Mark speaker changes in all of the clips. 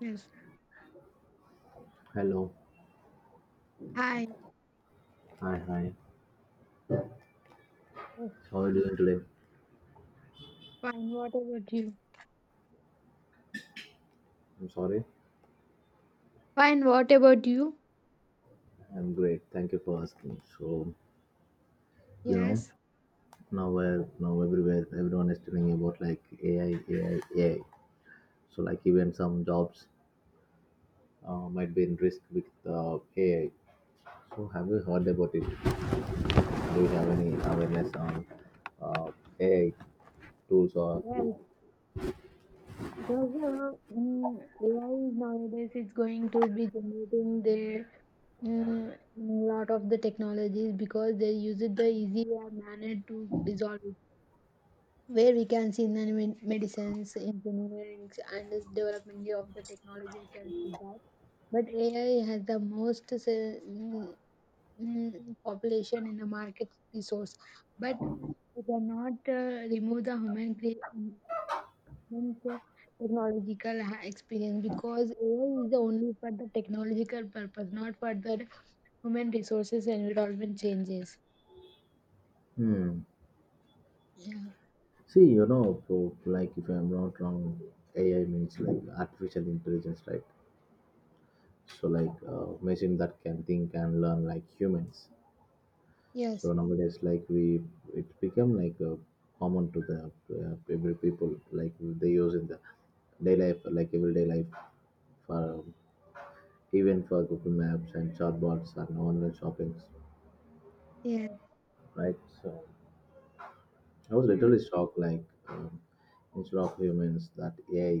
Speaker 1: Yes.
Speaker 2: Hello.
Speaker 1: Hi.
Speaker 2: Hi, hi.
Speaker 1: Yes.
Speaker 2: How are you doing today?
Speaker 1: Fine. What about you?
Speaker 2: I'm sorry.
Speaker 1: Fine. What about you?
Speaker 2: I'm great. Thank you for asking. You know,
Speaker 1: Yes.
Speaker 2: Now where now everywhere everyone is telling about like AI, AI, AI. So like even some jobs might be in risk with AI. So have you heard about it? Do you have any awareness on uh, AI tools or...
Speaker 1: Well, because AI is nowadays it's going to be generating the lot of the technologies because they use it the easier manner to resolve it. Where we can see in the medicines, engineering, and this development of the technology, we can see that. But AI has the most mm, population in the market resource, but we cannot remove the human cre- human te- technological experience because AI is only for the technological purpose, not for the human resources and environment changes.
Speaker 2: Hmm.
Speaker 1: Yeah.
Speaker 2: See, like if I'm not wrong, AI means like artificial intelligence, right? So like machine that can think and learn like humans. So
Speaker 1: Yes.
Speaker 2: nowadays like we, it become like common to the every people, like they use in the day life, like everyday life for even for google maps and chatbots and online shoppings,
Speaker 1: Yes.
Speaker 2: right? So I was
Speaker 1: Hmm.
Speaker 2: literally shocked, like, instead of humans that AI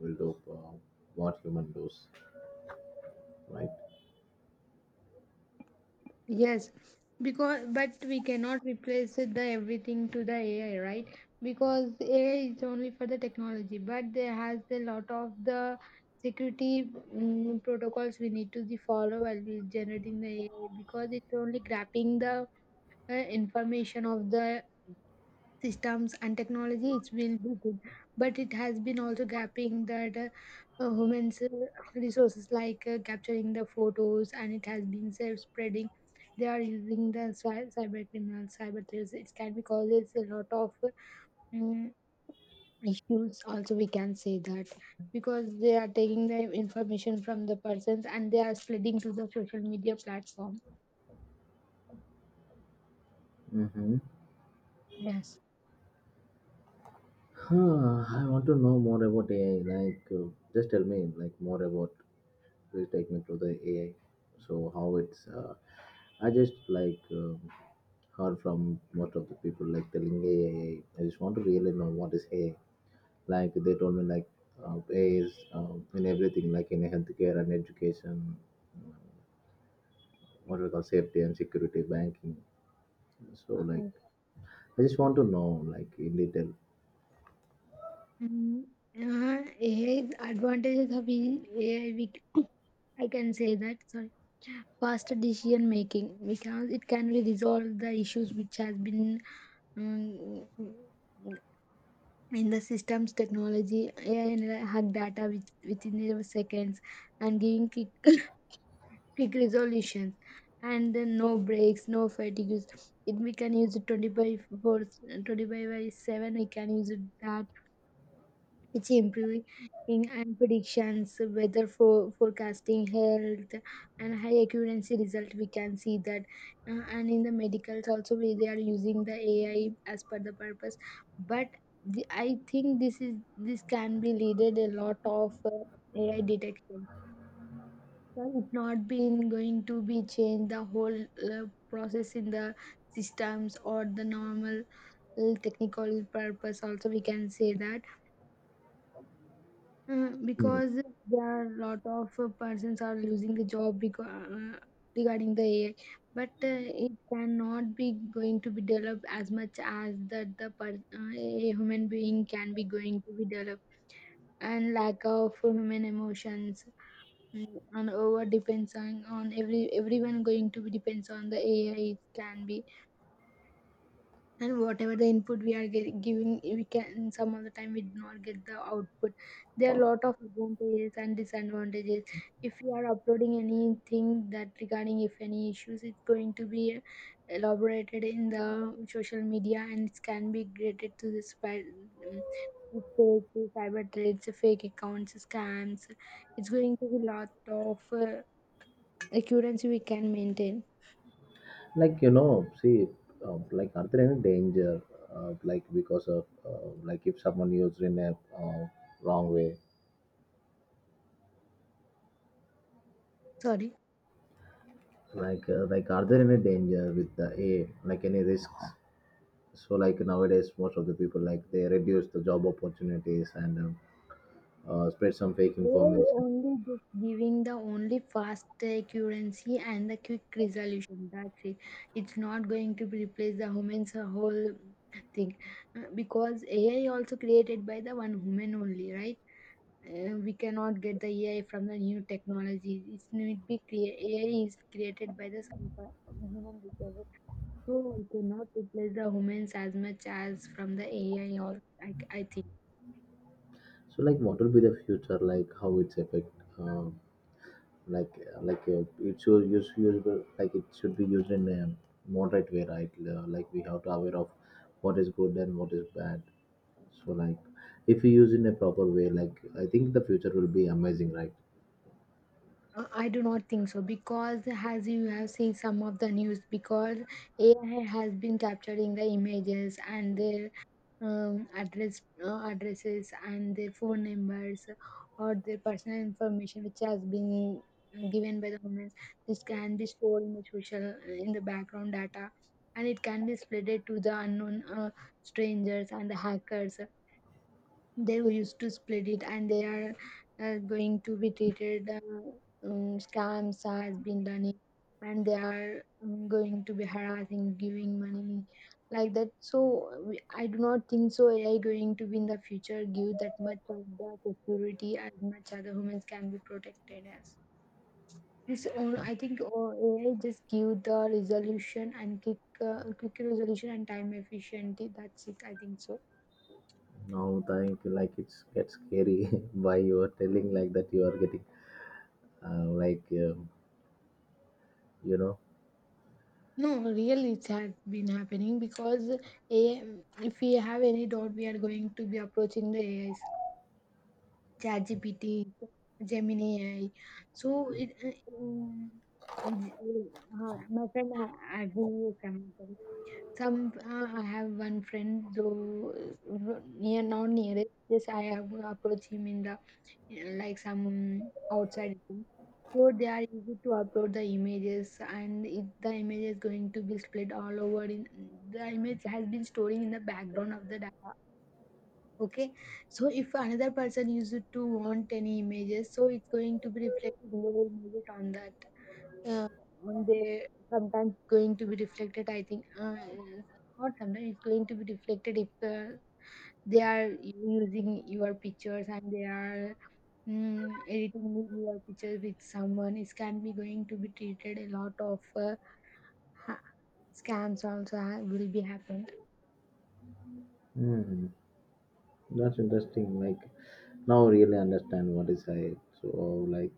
Speaker 2: will do uh, what human does, right?
Speaker 1: Yes, because but we cannot replace it the everything to the AI, right? Because AI is only for the technology, but there has a lot of the security protocols we need to the follow while we generating the AI, because it's only grabbing the information of the systems and technology, it will be good, but it has been also gapping that humans resources, like capturing the photos, and it has been self spreading. They are using the cyber criminals, cyber threats, it can be causes a lot of um, issues also, we can say that, because they are taking the information from the persons and they are spreading to the social media platform.
Speaker 2: Mm-hmm.
Speaker 1: Yes.
Speaker 2: Huh, I want to know more about AI. Like, just tell me like more about. Please take me to the AI. So how it's. I just like heard from most of the people like telling AI. I just want to really know what is AI. Like they told me like AI is in everything, like in healthcare and education, what we call safety and security, banking. So like I just want to know like in detail.
Speaker 1: Mm, AI 's advantages of AI, we I can say that, sorry, faster decision making because it can be resolve the issues which has been um, in the systems technology AI and hug data within the seconds, and giving quick, quick resolutions, and then no breaks, no fatigues, it we can use it 25 by 4, 25 by 7, we can use it that it's improving, and predictions, weather for forecasting, health, and high accuracy result. We can see that. And in the medicals also, they are using the AI as per the purpose. But I think this can be leaded a lot of AI detection. So it's not been going to be changed the whole process in the systems or the normal technical purpose, also, we can say that.
Speaker 2: Hmm.
Speaker 1: Because there are a lot of persons are losing the job because, regarding the AI, but it cannot be going to be developed as much as that the a human being can be going to be developed, and lack of human emotions, and over depends on everyone going to be depends on the AI, it can be, and whatever the input we are giving, we can some of the time we do not get the output. There are a lot of advantages and disadvantages. If you are uploading anything that regarding, if any issues, it's going to be elaborated in the social media, and it can be graded to this by um, fake cyber threats, fake accounts scams, it's going to be lot of accuracy we can maintain.
Speaker 2: Like, you know, see, like are there any danger, like because of, like if someone used in a uh, wrong way,
Speaker 1: Sorry,
Speaker 2: like, like are there any danger with the a like any risks? So like nowadays most of the people, like they reduce the job opportunities and spread some fake
Speaker 1: AI
Speaker 2: information.
Speaker 1: only just giving the only fast accuracy and the quick resolution. That's it. It's not going to replace the humans whole thing. Because AI also created by the one human only, right? We cannot get the AI from the new technology. It's need be clear. AI is created by the human resources. So we cannot replace the humans as much as from the AI, or I think.
Speaker 2: So like what will be the future, like how it's affect, uh, like like, it's use usable, like it should be used in a moderate way, right? Like we have to aware of what is good and what is bad. So like if we use in a proper way, like I think the future will be amazing, right?
Speaker 1: I do not think so, because as you have seen some of the news, because AI has been capturing the images and their addresses and their phone numbers, or their personal information which has been given by the government. This can be stored in the social in the background data, and it can be spreaded to the unknown strangers and the hackers. They will used to split it, and they are going to be treated, scams has been running, and they are going to be harassing giving money like that. So I do not think so, AI going to be in the future give that much of the security as much as the humans can be protected as this I think, AI just give the resolution and quick, quick resolution and time efficiency, that's it, I think so.
Speaker 2: Now think like it's gets scary by you are telling like that you are getting, uh, like um, you know
Speaker 1: No, really, it's had been happening because AI, if we have any doubt, we are going to be approaching the AIs, ChatGPT, Gemini AI. So, j- my friend, I will use some. I have one friend, though nearest. Yes, I have approached him in the, like, some outside thing. So they are easy to upload the images, and if the image is going to be split all over in, the image has been storing in the background of the data. Okay, so if another person used to want any images, so it's going to be reflected in the images on that. Uh, on the sometimes going to be reflected. I think not sometimes it's going to be reflected, if they are using your pictures, and they are editing video or pictures with someone, it can be going to be treated a lot of ha- scams also will be happened.
Speaker 2: Hmm, that's interesting. Like now, really understand what is I. So like,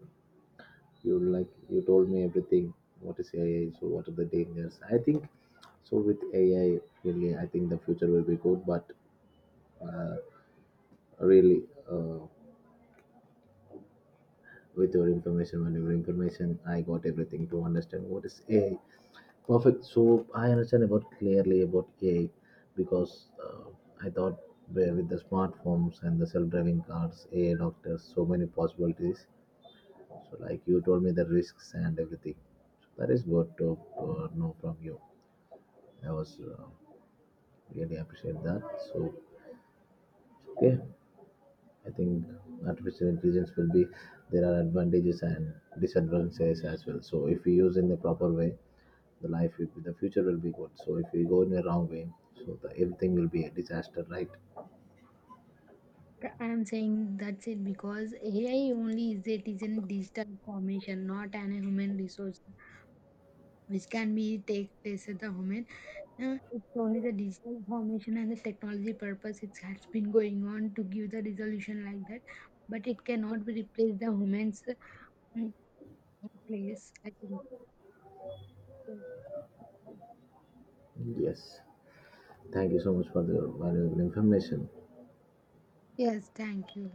Speaker 2: you, like you told me everything. What is AI? So what are the dangers? I think so. With AI, really, I think the future will be good. But uh, really, uh, with your information, when your information, I got everything to understand what is AI. Perfect. So I understand about clearly about AI because I thought where with the smartphones and the self-driving cars, AI doctors, so many possibilities. So like you told me the risks and everything. So that is good to know from you. I was really appreciate that. So okay, I think artificial intelligence will be, there are advantages and disadvantages as well. So if we use in the proper way, the life will be, the future will be good. So if we go in the wrong way, so the everything will be a disaster, right?
Speaker 1: I'm saying that's it, because AI only is in digital formation, not an human resource which can be take place at the human. It's only the digital formation and the technology purpose, it has been going on to give the resolution like that, but it cannot be replaced the human's mm, place, I think.
Speaker 2: Yes. Thank you so much for the valuable information.
Speaker 1: Yes, thank you.